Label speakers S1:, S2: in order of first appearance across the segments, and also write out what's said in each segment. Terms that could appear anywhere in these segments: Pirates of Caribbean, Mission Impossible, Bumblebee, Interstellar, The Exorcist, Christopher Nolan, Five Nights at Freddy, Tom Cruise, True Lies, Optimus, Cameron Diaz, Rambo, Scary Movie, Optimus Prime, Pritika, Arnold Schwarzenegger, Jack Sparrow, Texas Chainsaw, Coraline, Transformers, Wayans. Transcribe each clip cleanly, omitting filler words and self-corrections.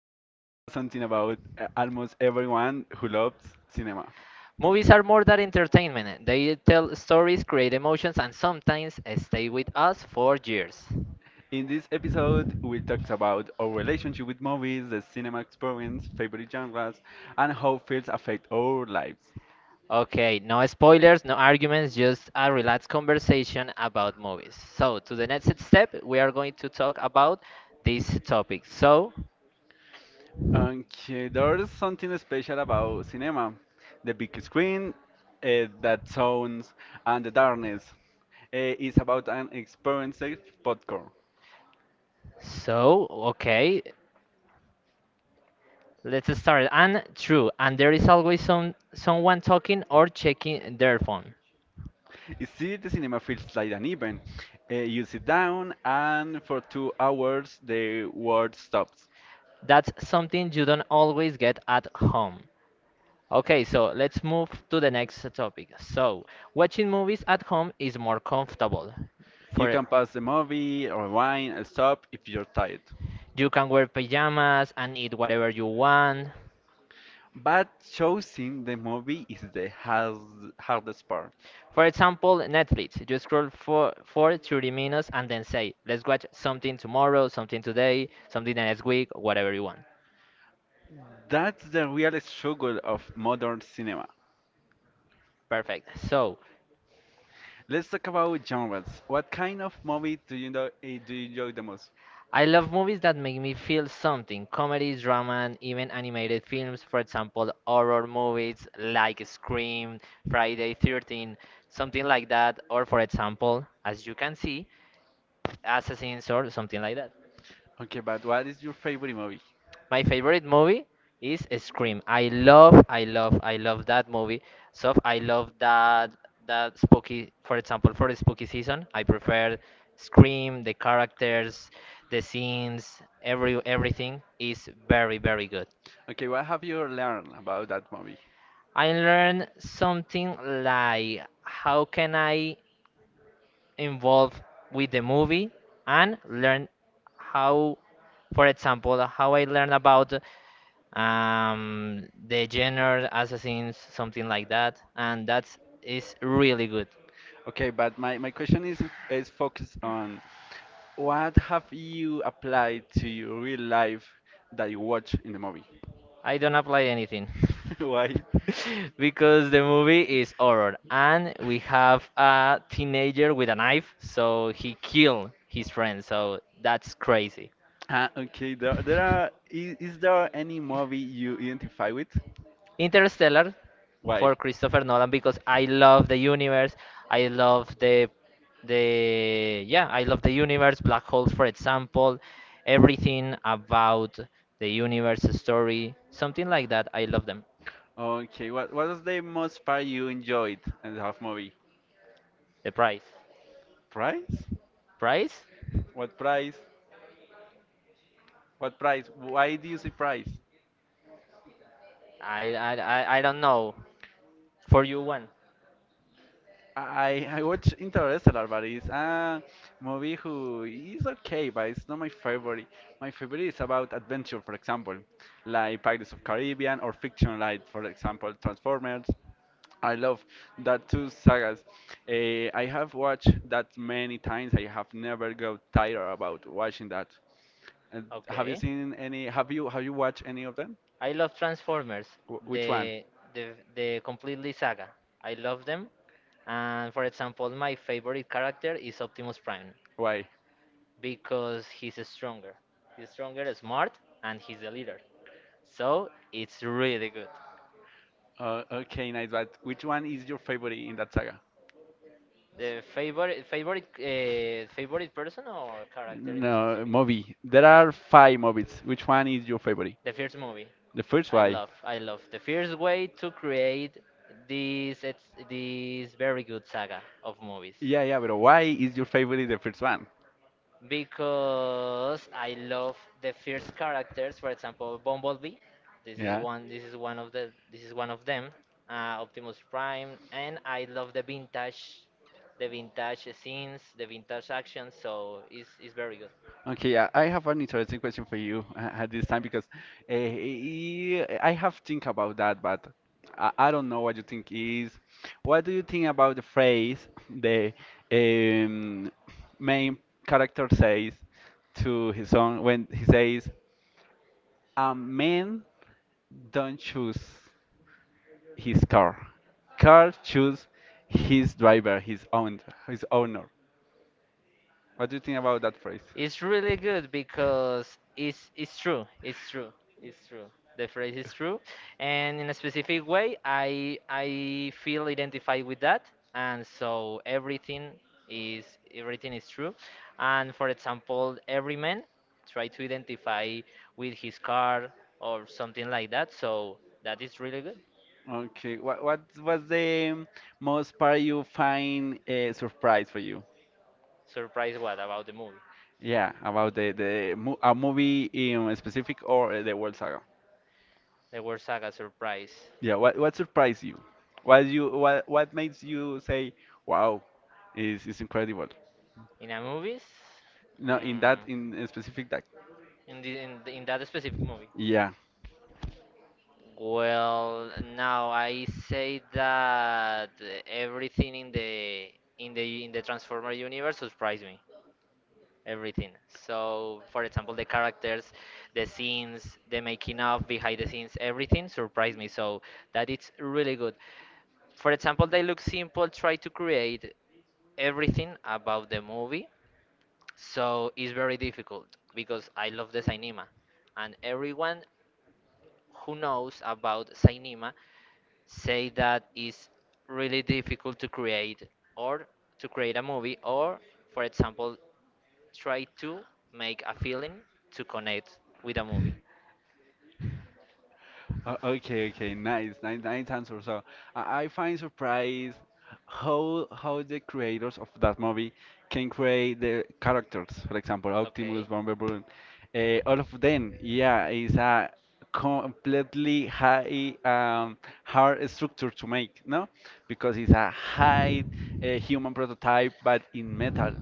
S1: are talking about something about almost everyone who loves cinema.
S2: Movies are more than entertainment, they tell stories, create emotions, and sometimes stay with us for years.
S1: In this episode, we talked about our relationship with movies, the cinema experience, favorite genres, and how films affect our lives.
S2: Okay, no spoilers, no arguments, just a relaxed conversation about movies. So, to the next step, we are going to talk about this topic.
S1: Okay, there's something special about cinema. The big screen, that sounds, and the darkness. It's about an experience of popcorn.
S2: So okay, Let's start. And true, and there is always someone talking or checking their phone.
S1: You see, the cinema feels like an event. You sit down, and for 2 hours, the world stops.
S2: That's something you don't always get at home. Okay, so let's move to the next topic. So, watching movies at home is more comfortable. For
S1: You can pause the movie, rewind, and stop if you're tired.
S2: you can wear pajamas and eat whatever you want.
S1: But choosing the movie is the hardest part.
S2: For example, Netflix. You scroll for 30 minutes and then say, let's watch something tomorrow, something today, something the next week, whatever you want.
S1: That's the real struggle of modern cinema.
S2: Perfect. So,
S1: Let's talk about genres. What kind of movie do you enjoy the most?
S2: I love movies that make me feel something. Comedies, drama, and even animated films. For example, horror movies like Scream, Friday 13, something like that. Or for example, as you can see, Assassins or something like that.
S1: Okay, but what is your favorite movie?
S2: My favorite movie is Scream. I love that movie. So I love that spooky, for example, for the spooky season, I prefer Scream, the characters, the scenes, everything is very good.
S1: Okay, what have you learned about that movie?
S2: I learned something like how can I involve with the movie and learn how for example, how I learn about the genre assassins, something like that, and that's is really good.
S1: Okay, but my question is is focused on what have you applied to your real life that you watch in the movie?
S2: I don't apply anything.
S1: Why?
S2: Because the movie is horror, and we have a teenager with a knife, so he killed his friend. So that's crazy.
S1: Ah, okay. Is there any movie you identify with?
S2: Interstellar
S1: Why?
S2: for Christopher Nolan because I love the universe. I love the yeah, I love the universe, black holes for example, everything about the universe story, something like that. I love them.
S1: Okay. What was the most part you enjoyed in the half movie?
S2: The price.
S1: Price?
S2: Price?
S1: What price? What price? Why do you say price?
S2: I don't know. For you one.
S1: I watch Interstellar, but it's a movie who is okay, but it's not my favorite. My favorite is about adventure, for example, like Pirates of Caribbean or fiction, like for example Transformers. I love that two sagas. I have watched that many times. I have never got tired about watching that. And have you
S2: Okay.
S1: seen any? Have you watched any of them?
S2: I love Transformers.
S1: Which one?
S2: The the completely saga. I love them. And for example, my favorite character is Optimus Prime.
S1: Why?
S2: Because he's stronger. He's stronger, smart, and he's the leader. So it's really good.
S1: Okay, nice. But which one is your favorite in that saga?
S2: The favorite Favorite favorite person or character in
S1: No, movie. There are five movies. Which
S2: sp-
S1: one is your favorite?
S2: the first movie.
S1: The first why?
S2: I love the first way to create this it's this very good saga of movies.
S1: Yeah, yeah, but why is your favorite the first one?
S2: Because I love the first characters. For example, Bumblebee. This is
S1: Yeah.
S2: one. This is one of the. This is one of them. Optimus Prime, and I love the vintage scenes, the vintage action. So it's very good.
S1: Okay, I have an interesting question for you at this time because I have think about that, but I don't know what you think is. What do you think about the phrase the um, main character says to his son when he says, "A man don't choose his car, car choose his driver, his own, his owner." What do you think about that phrase?
S2: It's really good because it's true. It's true. It's true. The phrase is true, and in a specific way, I feel identified with that, and so is everything is true. And for example, every man try to identify with his car or something like that. So that is really good.
S1: Okay, what was the most part you find a surprise for you?
S2: Surprise! What about the movie?
S1: Yeah, about the mo a movie in specific or the whole saga.
S2: The word saga surprise.
S1: Yeah, what surprised you? What makes you say, "Wow, is incredible."
S2: In a movies?
S1: No, in that
S2: Mm,
S1: in a specific that.
S2: in that specific movie?
S1: Yeah.
S2: Well, now I say that everything in the Transformer universe surprised me. Everything. So, for example, the characters, the scenes, the making of, behind the scenes, everything surprised me. So that it's really good. For example, they look simple, try to create everything about the movie. So it's very difficult because I love the Sainima, and everyone who knows about Sainima say that it's really difficult to create or to create a movie or, for example, try to make a feeling to connect with a movie.
S1: Oh, okay, okay, nice, nice, nice answer. So I find surprised how the creators of that movie can create the characters. For example,
S2: Okay.
S1: Optimus, Bumblebee, all of them. Yeah, it's a completely high hard structure to make, no? Because it's a high human prototype, but in metal.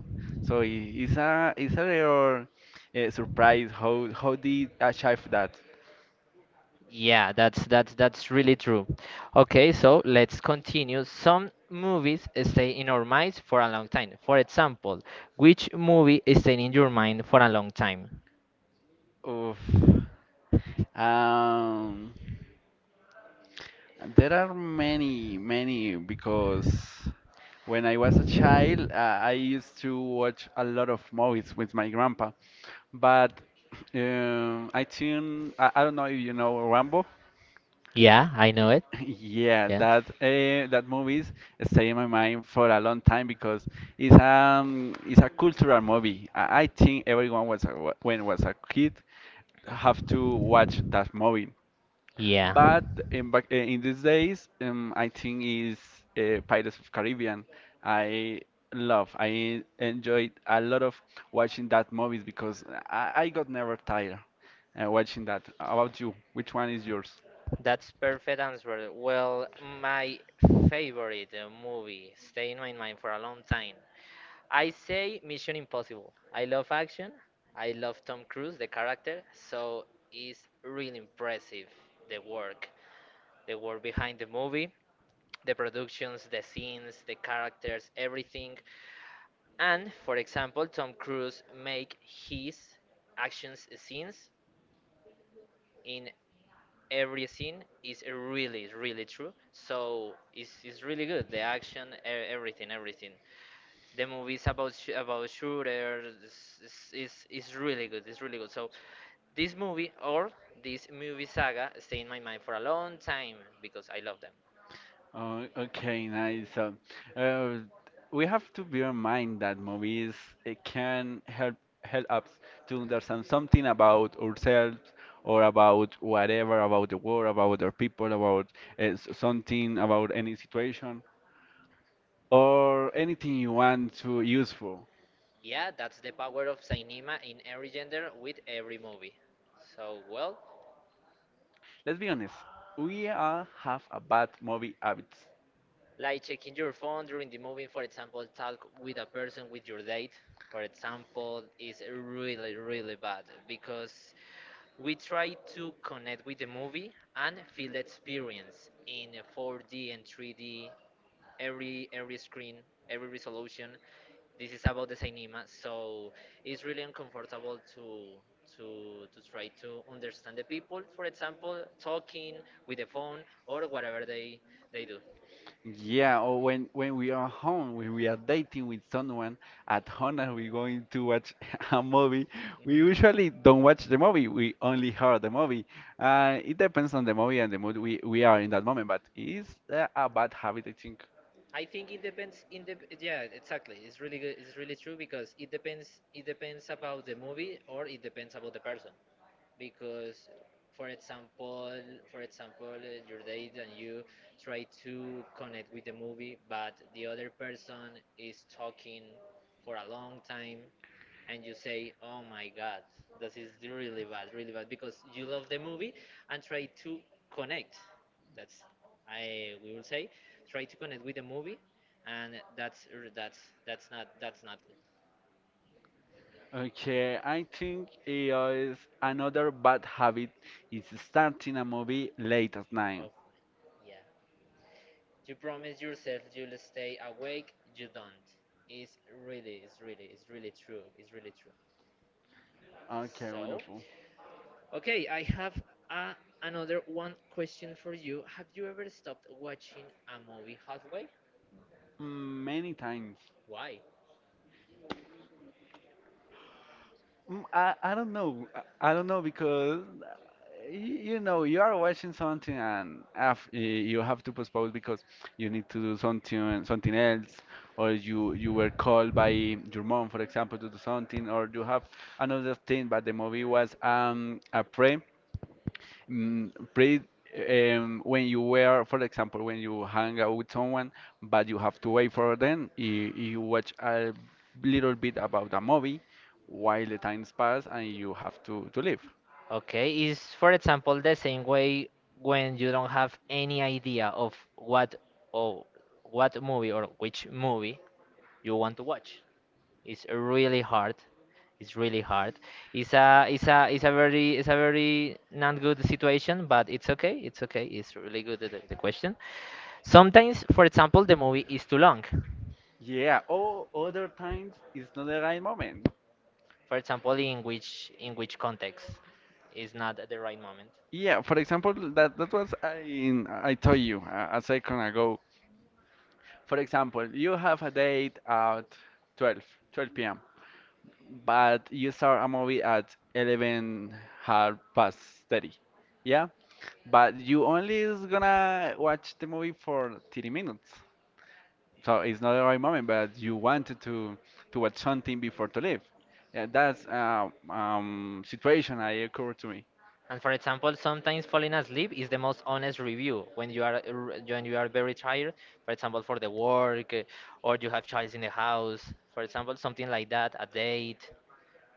S1: So it's a real surprise how they achieve that.
S2: Yeah, that's that's really true. Okay, so let's continue. Some movies stay in our minds for a long time. For example, which movie is stayed in your mind for a long time?
S1: Oof. Um, there are many, many because when I was a child, I used to watch a lot of movies with my grandpa. But I don't know if you know Rambo.
S2: Yeah, I know it.
S1: Yeah,
S2: Yeah.
S1: that movies stay in my mind for a long time because it's a cultural movie. I think everyone when was a kid have to watch that movie. Yeah.
S2: Yeah.
S1: But in these days, I think is Pirates of Caribbean. I I enjoyed a lot of watching that movies because I got never tired watching that. How about you? Which one is yours?
S2: That's perfect answer. Well, my favorite movie stay in my mind for a long time. I say Mission Impossible. I love action. I love Tom Cruise, the character. So it's really impressive the work, the work behind the movie, the productions, the scenes, the characters, everything. And for example, Tom Cruise make his action scenes in every scene is really really true, so it's really good the action, everything, everything, the movies about about shooters is really good, it's really good. So this movie or this movie saga stay in my mind for a long time because I love them.
S1: Oh, okay, nice. Uh, we have to bear in mind that movies it can help us to understand something about ourselves or about whatever, about the world, about our people, about something, about any situation or anything you want to useful.
S2: Yeah, that's the power of cinema in every gender with every movie. So well,
S1: Let's be honest, we all have a bad movie habits.
S2: like checking your phone during the movie, for example talk with a person with your date, for example is really really bad because we try to connect with the movie and feel the experience in 4D and 3D, every screen, every resolution, this is about the cinema. So it's really uncomfortable to try to understand the people for example talking with the phone or whatever they do.
S1: Yeah, or when we are home, when we are dating with someone at home and we're going to watch a movie, we usually don't watch the movie. We only hear the movie. It depends on the movie and the mood we are in that moment, but it's a bad habit, I think.
S2: I think it depends in the yeah, exactly, it's really good, it's really true because it depends, it depends about the movie or it depends about the person. Because for example for example your date and you try to connect with the movie but the other person is talking for a long time and you say, "Oh my God, this is really bad," because you love the movie and try to connect. That's I we will say, try to connect with the movie, and that's that's not good.
S1: Okay, I think it is another bad habit is starting a movie late at night.
S2: Of yeah, you promise yourself you'll stay awake. You don't. It's it's really true. It's really true.
S1: Okay,
S2: So
S1: wonderful.
S2: okay, I have a, another one question for you. Have you ever stopped watching a movie halfway?
S1: Mm, Many times.
S2: Why?
S1: I don't know. I don't know because you know you are watching something and you have to postpone because you need to do something else or you were called by your mom for example to do something or you have another thing, but the movie was a pre mm, pre when you were for example when you hang out with someone, but you have to wait for them, you watch a little bit about a movie while the times pass and you have to leave.
S2: Okay, is for example the same way when you don't have any idea of what or what movie or which movie you want to watch. It's really hard. It's really hard. It's a very not good situation, but it's okay. It's okay. It's really good the question. Sometimes, for example, the movie is too long.
S1: Yeah, or other times it's not the right moment.
S2: For example in which context is not at the right moment.
S1: Yeah, for example, that was I told you a second ago. For example, you have a date at 12, 12 p.m., but you start a movie at 11 half past 30. Yeah, but you only is gonna watch the movie for 30 minutes. So it's not the right moment, but you wanted to watch something before to leave. And that's situation I occurred to me.
S2: And for example sometimes falling asleep is the most honest review when you are when you are very tired, for example for the work, or you have childs in the house for example something like that, a date,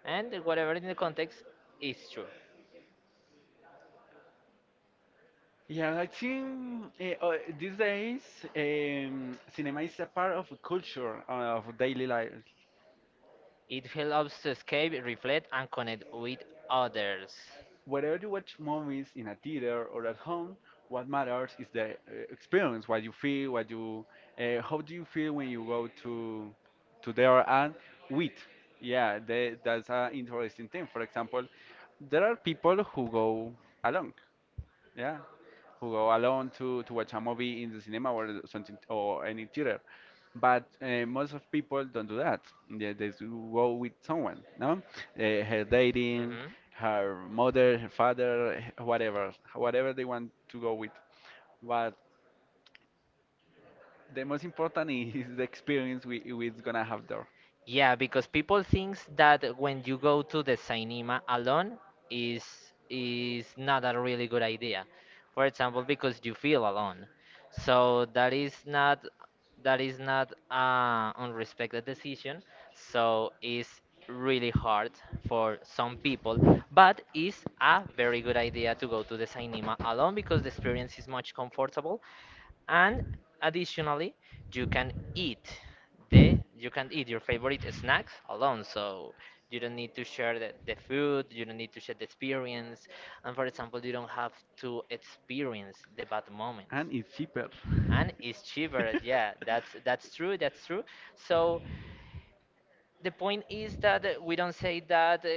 S2: and whatever in the context is true.
S1: Yeah, I think these days, cinema is a part of culture, of daily life.
S2: It helps to escape, reflect and connect with others.
S1: Whether you watch movies in a theater or at home, what matters is the experience, what you feel, how do you feel when you go to there and with. Yeah, that's an interesting thing. For example, there are people who go alone, yeah, who go alone to watch a movie in the cinema or something or any theater. But most of people don't do that. They do go with someone, no? Her dating,
S2: Hmm.
S1: her mother, her father, whatever, whatever they want to go with. But the most important is the experience we're gonna have there,
S2: Yeah, because people thinks that when you go to the cinema alone is not a really good idea. For example, because you feel alone. So that is not a unrespected decision. So it's really hard for some people, but it's a very good idea to go to the cinema alone because the experience is much comfortable and additionally you can eat the you can eat your favorite snacks alone. So you don't need to share the food, you don't need to share the experience, and for example you don't have to experience the bad moments.
S1: and it's cheaper.
S2: And it's cheaper, yeah, that's true, that's true. So the point is that we don't say that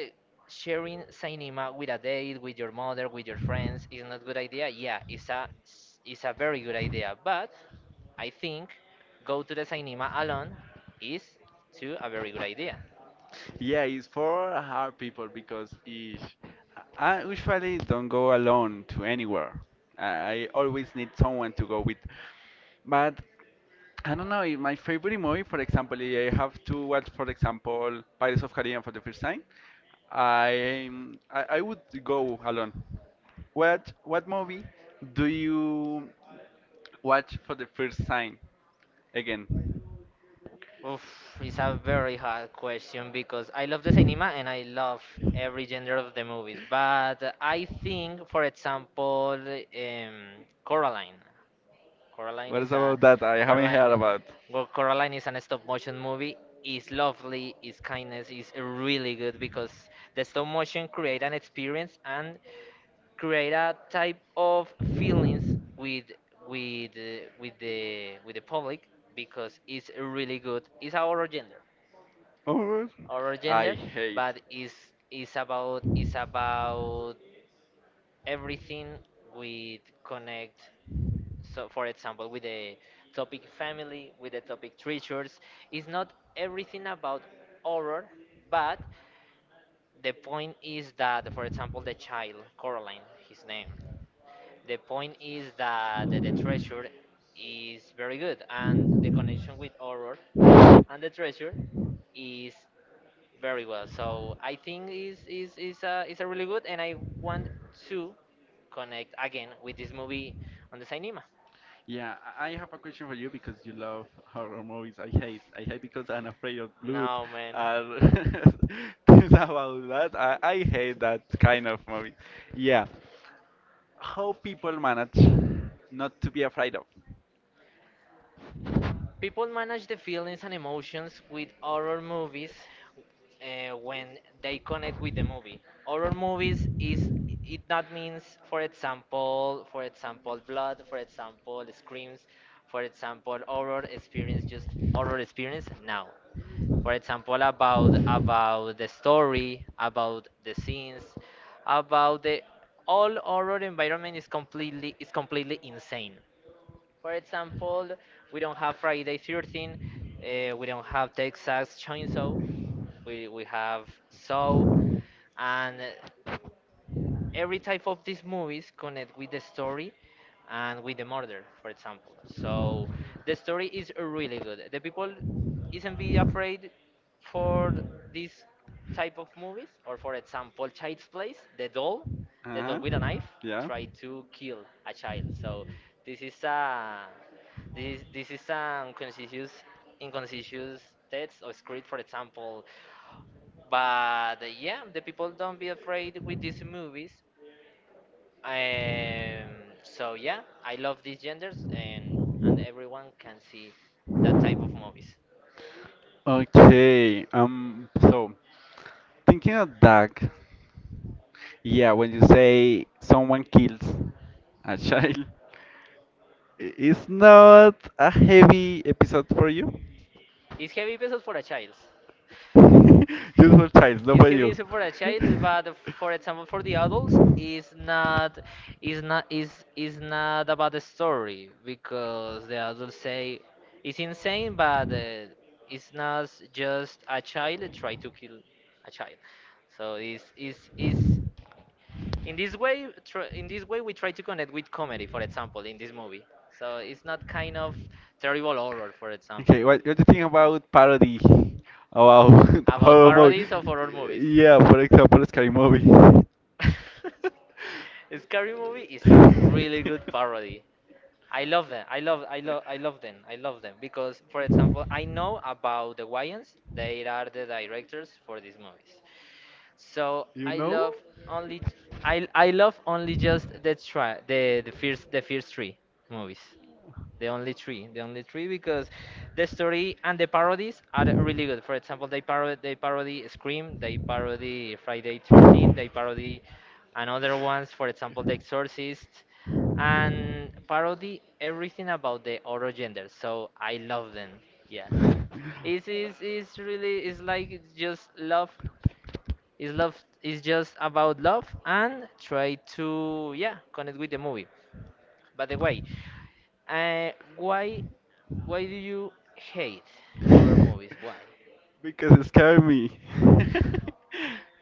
S2: sharing cinema with a date, with your mother, with your friends is not good idea, yeah it's a it's a very good idea, but I think go to the cinema alone is too a very good idea.
S1: Yeah, it's for hard people because if I usually don't go alone to anywhere. I always need someone to go with. But I don't know, if my favorite movie, for example, I have to watch, for example, Pirates of Caribbean for the first time. I I would go alone. What movie do you watch for the first time again?
S2: Oof, it's a very hard question because I love the cinema and I love every genre of the movies. But I think, for example, Coraline. Coraline
S1: What is
S2: is a
S1: about that? I haven't heard
S2: Coraline.
S1: about.
S2: Well, Coraline is an stop motion movie. It's lovely. It's kindness. It's really good because the stop motion create an experience and create a type of feelings with with the public because it's really good. It's
S1: Oh,
S2: our
S1: I
S2: gender,
S1: hate.
S2: but it's about everything with connect. So, for example, with the topic family, with the topic treasures, it's not everything about horror, but the point is that, for example, the child Coraline, his name, the point is that the treasure is very good, and the connection with horror and the treasure is very well. So I think is a really good, and I want to connect again with this movie on the cinema.
S1: Yeah, I have a question for you because you love horror movies. I hate. I hate because I'm afraid of blood.
S2: No man.
S1: And things about that, I hate that kind of movie. Yeah. How people manage not to be afraid of?
S2: People manage the feelings and emotions with horror movies when they connect with the movie. Horror movies is it that means, for example, blood, for example, screams, for example, horror experience, just horror experience now. For example, about the story, about the scenes, about the all horror environment is completely insane. For example, we don't have Friday 13, we don't have Texas Chainsaw, we have Saw, and every type of these movies connect with the story and with the murder, for example. So the story is really good, the people isn't be afraid for this type of movies, or for example Child's Place, the doll, the doll with a
S1: Uh-huh.
S2: knife
S1: Yeah.
S2: try to kill a child. So this is a this is an conscious inconspicuous text or script, for example. But yeah, the people don't be afraid with these movies. um, so yeah, I love these genders, and everyone can see that type of movies.
S1: Okay. So thinking of that, yeah, when you say someone kills a child, it's not a heavy episode for you.
S2: It's heavy pesos for a child.
S1: Just for child, not
S2: It's
S1: for
S2: heavy
S1: you.
S2: pesos for a child, but for example, for the adults, it's not, is not about the story because the adults
S1: they
S2: say it's insane, but it's not just a child try to kill a child. So it's in this way, tr in this way, we try to connect with comedy, for example, in this movie. So it's not kind of terrible horror, for example,
S1: what do you think about parody? About
S2: about parodies of horror movies.
S1: Yeah, for example, scary movie. Scary
S2: Scary Movie is a really good parody. I love them. I love. I love. I love them. I love them because, for example, I know about the Wayans. They are the directors for these movies. So I love only. I love only just the try the first three movies. The only three, because the story and the parodies are really good. For example, they parody Scream, they parody Friday 13, they parody another ones. For example, The Exorcist, and parody everything about the other gender. So I love them. Yeah, it's just love. It's love. It's just about love and try to yeah connect with the movie. By the way, uh, why why do you hate horror movies? Why?
S1: because it scared me.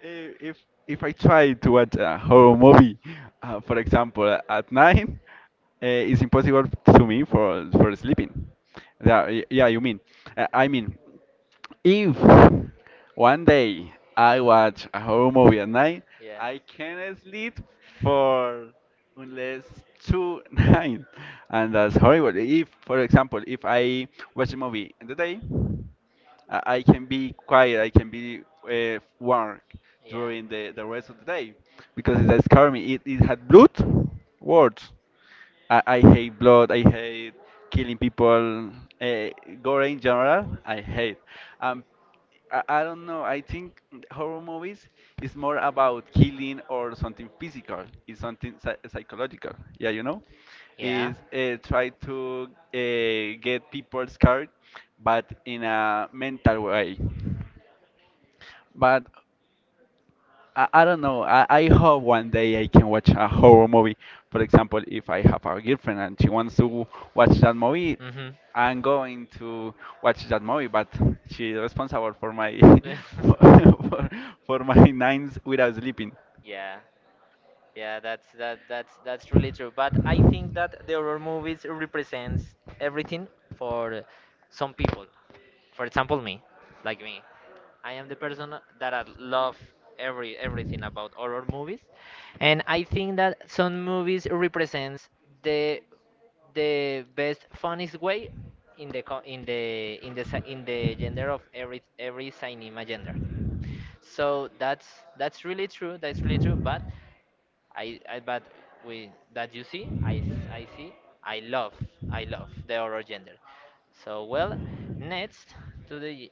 S1: if if if I try to watch a horror movie, for example, at night, it's impossible to me for sleeping. Yeah, yeah, you mean? I mean. If one day I watch a horror movie at night,
S2: Yeah.
S1: I can't sleep for unless two night, and that's horrible. If, for example, if I watch a movie in the day, I can be quiet, I can be work
S2: Yeah.
S1: during the rest of the day because it scared me. It had blood words. I hate blood. I hate killing people. Uh, Gore in general, I hate. Um, I don't know. I think horror movies is more about killing or something physical. It's something psychological. Yeah,
S2: Yeah.
S1: is try to get people scared, but in a mental way. But I don't know. I hope one day I can watch a horror movie. For example, if I have a girlfriend and she wants to watch that movie,
S2: Mhm.
S1: I'm going to watch that movie. But she's responsible for my for, for, for my nights without sleeping.
S2: Yeah. Yeah, that's that that's really true. But I think that the horror movies represents everything for some people. For example, me, like me, I am the person that I love everything about horror movies, and I think that some movies represents the the best funniest way in the in the in the in the gender of every cinema gender. So that's really true. That's really true. But I but with that you see, I see, I love, I love the horror gender. So well, next to the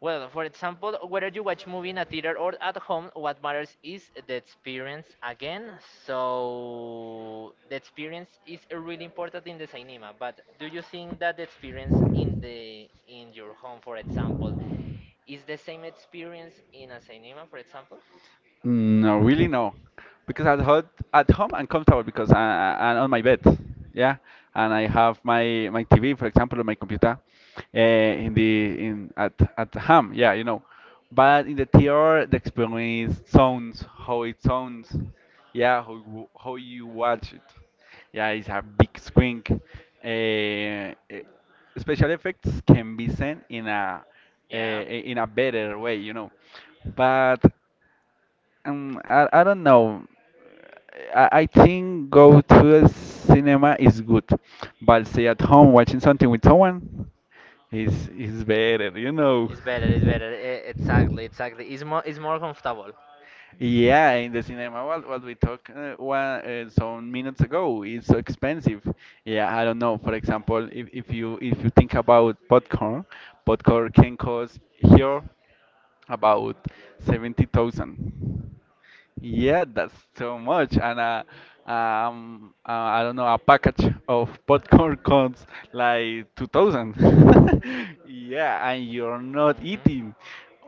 S2: well, for example, whether you watch movie in a theater or at home, what matters is the experience again. So the experience is really important in the cinema. But do you think that the experience in the in your home, for example, is the same experience in a cinema, for example?
S1: No, really no, because at home, I'm comfortable because I'm on my bed, yeah, and I have my TV, for example, on my computer, in the in at home, yeah, but in the theater, the experience sounds how it sounds, yeah, how you watch it, yeah, it's a big screen, uh, special effects can be seen
S2: Yeah.
S1: in a better way, but I don't know. I think go to a cinema is good, but stay at home watching something with someone is better, you know.
S2: It's better. It's better. Exactly. Exactly. It's more. It's more comfortable.
S1: Yeah, in the cinema, what we talked one, some minutes ago, it's so expensive. Yeah, I don't know. For example, if you think about popcorn, popcorn can cost here about 70,000. Yeah, that's so much. And I don't know, a package of popcorn costs like 2000. Yeah, and you're not
S2: Mhm.
S1: eating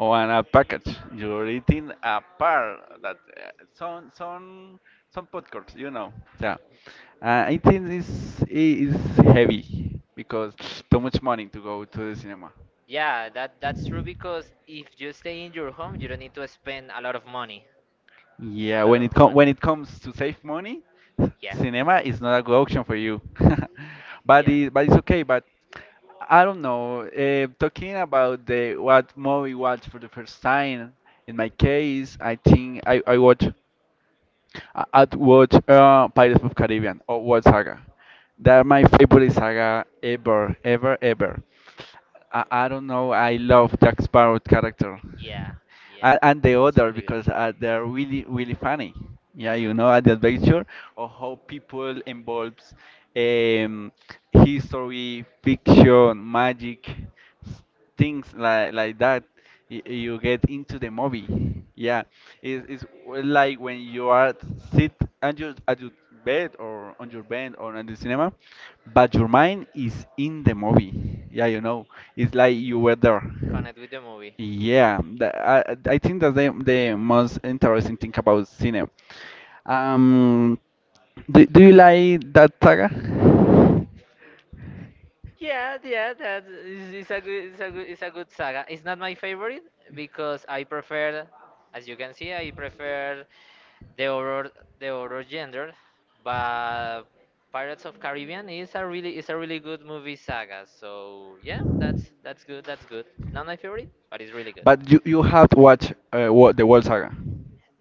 S1: on a package. You're eating a par that some popcorns, you know. Yeah. I think this is heavy because too much money to go to the cinema.
S2: Yeah, that's true because if you stay in your home, you don't need to spend a lot of money. A
S1: Yeah,
S2: lot of money.
S1: when it comes to save money,
S2: Yeah.
S1: cinema is not a good option for you. But it's okay. But I don't know. Talking about the what movie watch for the first time, in my case, I think I watch. I- I'd watch Pirates of Caribbean or World Saga. They're my favorite saga ever, ever, ever. I don't know. I love Jack Sparrow character,
S2: Yeah. Yeah.
S1: and the
S2: It's
S1: other
S2: really good.
S1: because they're really, really funny. Yeah, you know, at the adventure of how people involves um, history, fiction, magic things like that you get into the movie. Yeah, like when you are sit at your bed or on your bed or in the cinema, but your mind is in the movie. Yeah, you know, it's like you were there.
S2: Connect with the movie.
S1: Yeah, I think that's the most interesting thing about cinema. um do you like that saga?
S2: Yeah, yeah, that is a good, it's a good, it's a good saga. It's not my favorite because I prefer, as you can see, I prefer the horror, the horror genre. But Pirates of Caribbean is a really good movie saga. So yeah, that's good, that's good. Not my favorite, but it's really good.
S1: But you have to watch the World Saga.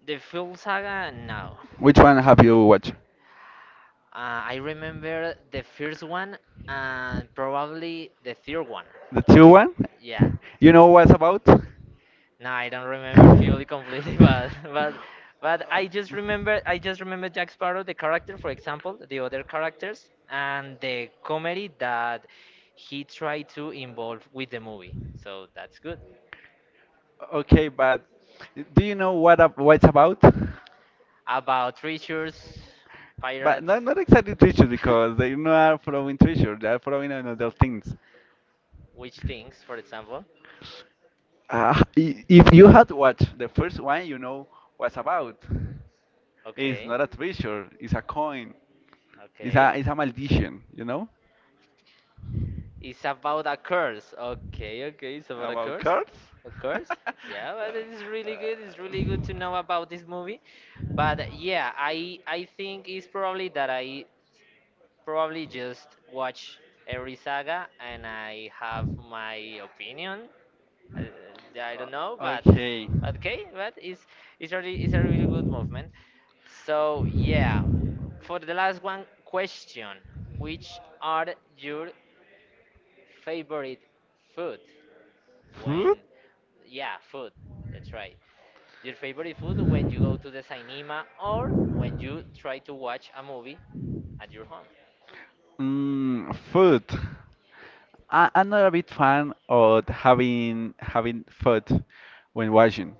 S2: The full saga, no.
S1: Which one have you watched?
S2: I remember the first one and probably the third one.
S1: The two one?
S2: Yeah.
S1: Yeah. You know what's about? Remember?
S2: No, I don't remember fully completely, but I just remember Jack Sparrow, the character, for example, the other characters, and the comedy that he tried to involve with the movie. So that's good.
S1: Okay, but do you know what it's about?
S2: About treasures,
S1: But
S2: pirates.
S1: not not exactly treasure because they're not throwing treasure. They're throwing another things.
S2: Which things, for example.
S1: If you had watched the first one, you know what's about. It's
S2: Okay,
S1: not a treasure. It's a coin. It's
S2: okay.
S1: a it's a maldition. You know
S2: It's about a curse. Okay, okay, it's about a
S1: about cards.
S2: A curse? Yeah, but it is really good. It's really good to know about this movie. But yeah, I think it's probably that I probably just watch every saga and I have my opinion. I don't
S1: that
S2: know,
S1: O- okay.
S2: but okay, but it's really it's a really good movement. So yeah, for the last one question, which are your favorite food when,
S1: Food?
S2: yeah, food. That's right. Your favorite food when you go to the cinema or when you try to watch a movie at your home.
S1: Mm, food. I'm not a big fan of having food when watching.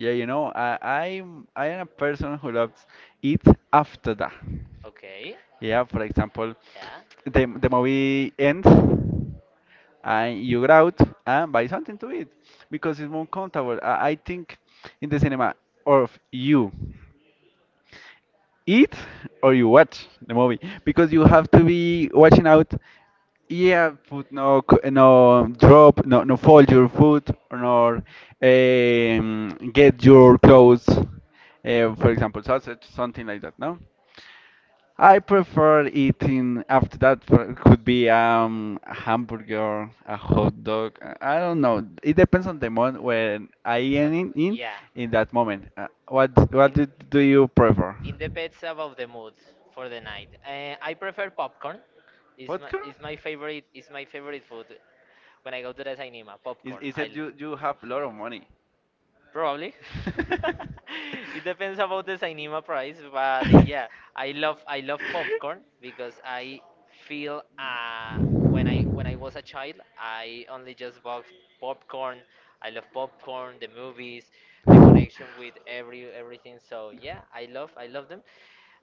S1: Yeah, you know, I am a person who loves eat after that.
S2: Okay.
S1: Yeah, for example,
S2: Yeah.
S1: the movie ends and you go out and buy something to eat because it's more comfortable. I think in the cinema, or if you eat or you watch the movie, because you have to be watching out. Yeah, food, no no drop, no, no fold your food, nor get your clothes. For example, sausage, something like that. No. I prefer eating after that, it could be a hamburger, a hot dog. Uh, I don't know. It depends on the moment when I am in that moment. Uh, do you prefer?
S2: It depends about the mood for the night. I prefer popcorn. It's
S1: Popcorn?
S2: it's my favorite, it's my favorite food. When I go to the cinema,
S1: Is
S2: popcorn.
S1: is it you have a lot of money?
S2: Probably. It depends about the cinema price, but yeah, I love popcorn because I feel when I was a child, I only just bought popcorn. I love popcorn, the movies, the connection with everything. So yeah, I love them.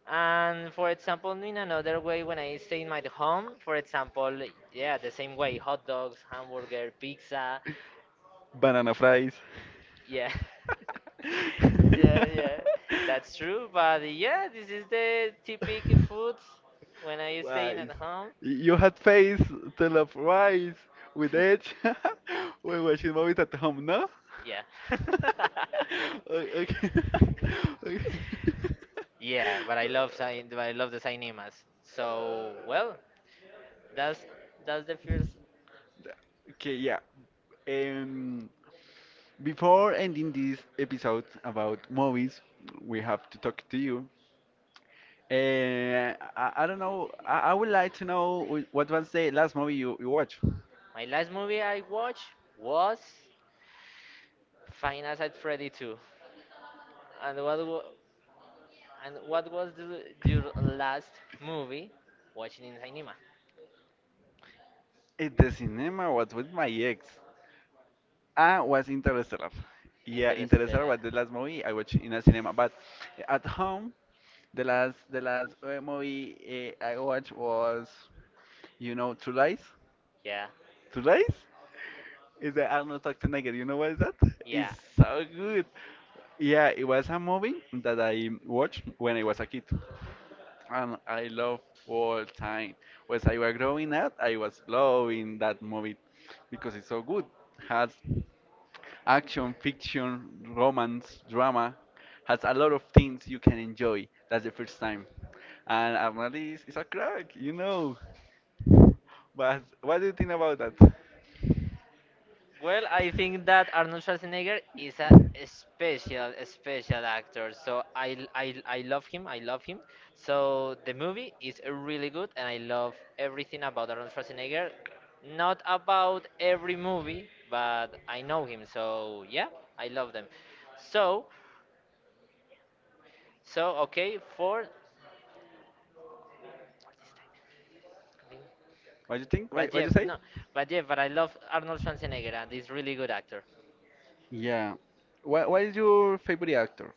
S2: And for example, in another way, when I stay in my home, for example, yeah, the same way, hot dogs, hamburger, pizza.
S1: Banana fries.
S2: Yeah. Yeah, yeah. That's true, but yeah, this is the typical food when I staying
S1: Rice.
S2: at home.
S1: You had face to love rice with edge when watching movies at home, no?
S2: Yeah.
S1: Okay. Okay.
S2: Yeah, but I love but I love the cinemas. So
S1: Uh,
S2: well, that's that's the first.
S1: Okay, yeah. Um, Before ending this episode about movies, we have to talk to you. I don't know. I would like to know what was the last movie you watched?
S2: My last movie I watched was Five Nights at Freddy 2. And what wa- And what was the, your last movie watching in cinema?
S1: At the cinema was with my ex. I was Interstellar. Yeah, Interstellar was the last movie I watched in a cinema. But at home, the last movie I watched was, you know, True Lies.
S2: Yeah,
S1: True Lies is the Arnold Schwarzenegger. You know what is that? It's
S2: yeah.
S1: so good. Yeah, it was a movie that I watched when I was a kid, and I love all time. As I was growing up, I was loving that movie because it's so good. Has action, fiction, romance, drama, has a lot of things you can enjoy. That's the first time. And Arnold is a crack, you know. But what do you think about that?
S2: Well, I think that Arnold Schwarzenegger is a special, special actor. So I love him. I love him. So the movie is really good, and I love everything about Arnold Schwarzenegger. Not about every movie, but I know him. So yeah, I love them. So so okay, for what is time?
S1: What do you think?
S2: But
S1: What you
S2: yeah,
S1: say?
S2: no, but yeah, but I love Arnold Schwarzenegger and he's really good actor.
S1: Yeah. What is your favorite actor?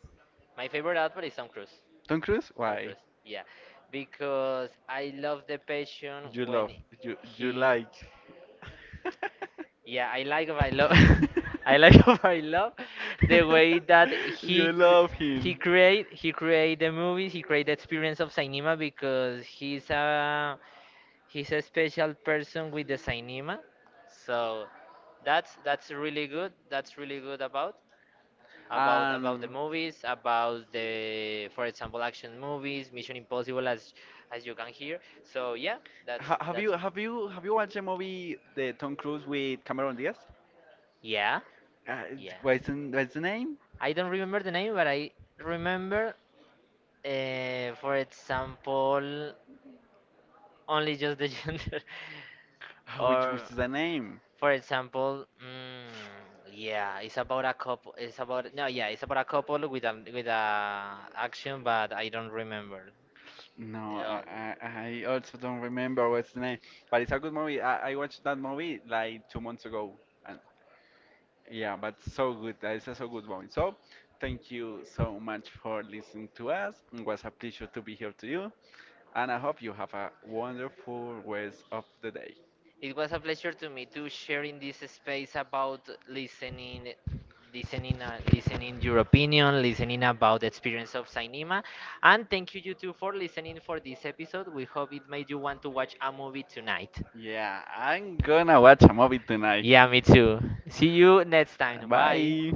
S2: My favorite actor is Tom Cruise.
S1: Tom Cruise?
S2: Tom
S1: Why?
S2: Cruise, yeah, because I love the passion
S1: You love,
S2: when
S1: you
S2: he,
S1: like.
S2: yeah, I love, I like of I love the way that
S1: You love him.
S2: he create the movies, he create the experience of cinema because he's a He's a special person with the Sainima, so that's really good. That's really good about the
S1: And
S2: movies, about the for example action movies, Mission Impossible, as you can hear. So yeah,
S1: ha Have you
S2: that's my.
S1: watched the movie the Tom Cruise with Cameron Diaz?
S2: Yeah,
S1: Uh,
S2: yeah.
S1: what's what's the name?
S2: I don't remember the name, but I remember, for example, only just the gender.
S1: Ah, which
S2: Or,
S1: is the name?
S2: for example, mm, yeah, it's about a couple. It's about no, yeah, it's about a couple with a action, but I don't remember
S1: No,
S2: at all.
S1: I also don't remember what's the name. But it's a good movie. I watched that movie like two months ago, and yeah, but so good. It's a so good movie. So thank you so much for listening to us. It was a pleasure to be here to you, and I hope you have a wonderful rest of the day.
S2: It was a pleasure to me to share in this space about listening, listening, listening your opinion, listening about the experience of cinema, and thank you you two for listening for this episode. We hope it made you want to watch a movie tonight.
S1: Yeah, I'm gonna watch a movie tonight.
S2: Yeah, me too. See you next time. Bye.
S1: Bye.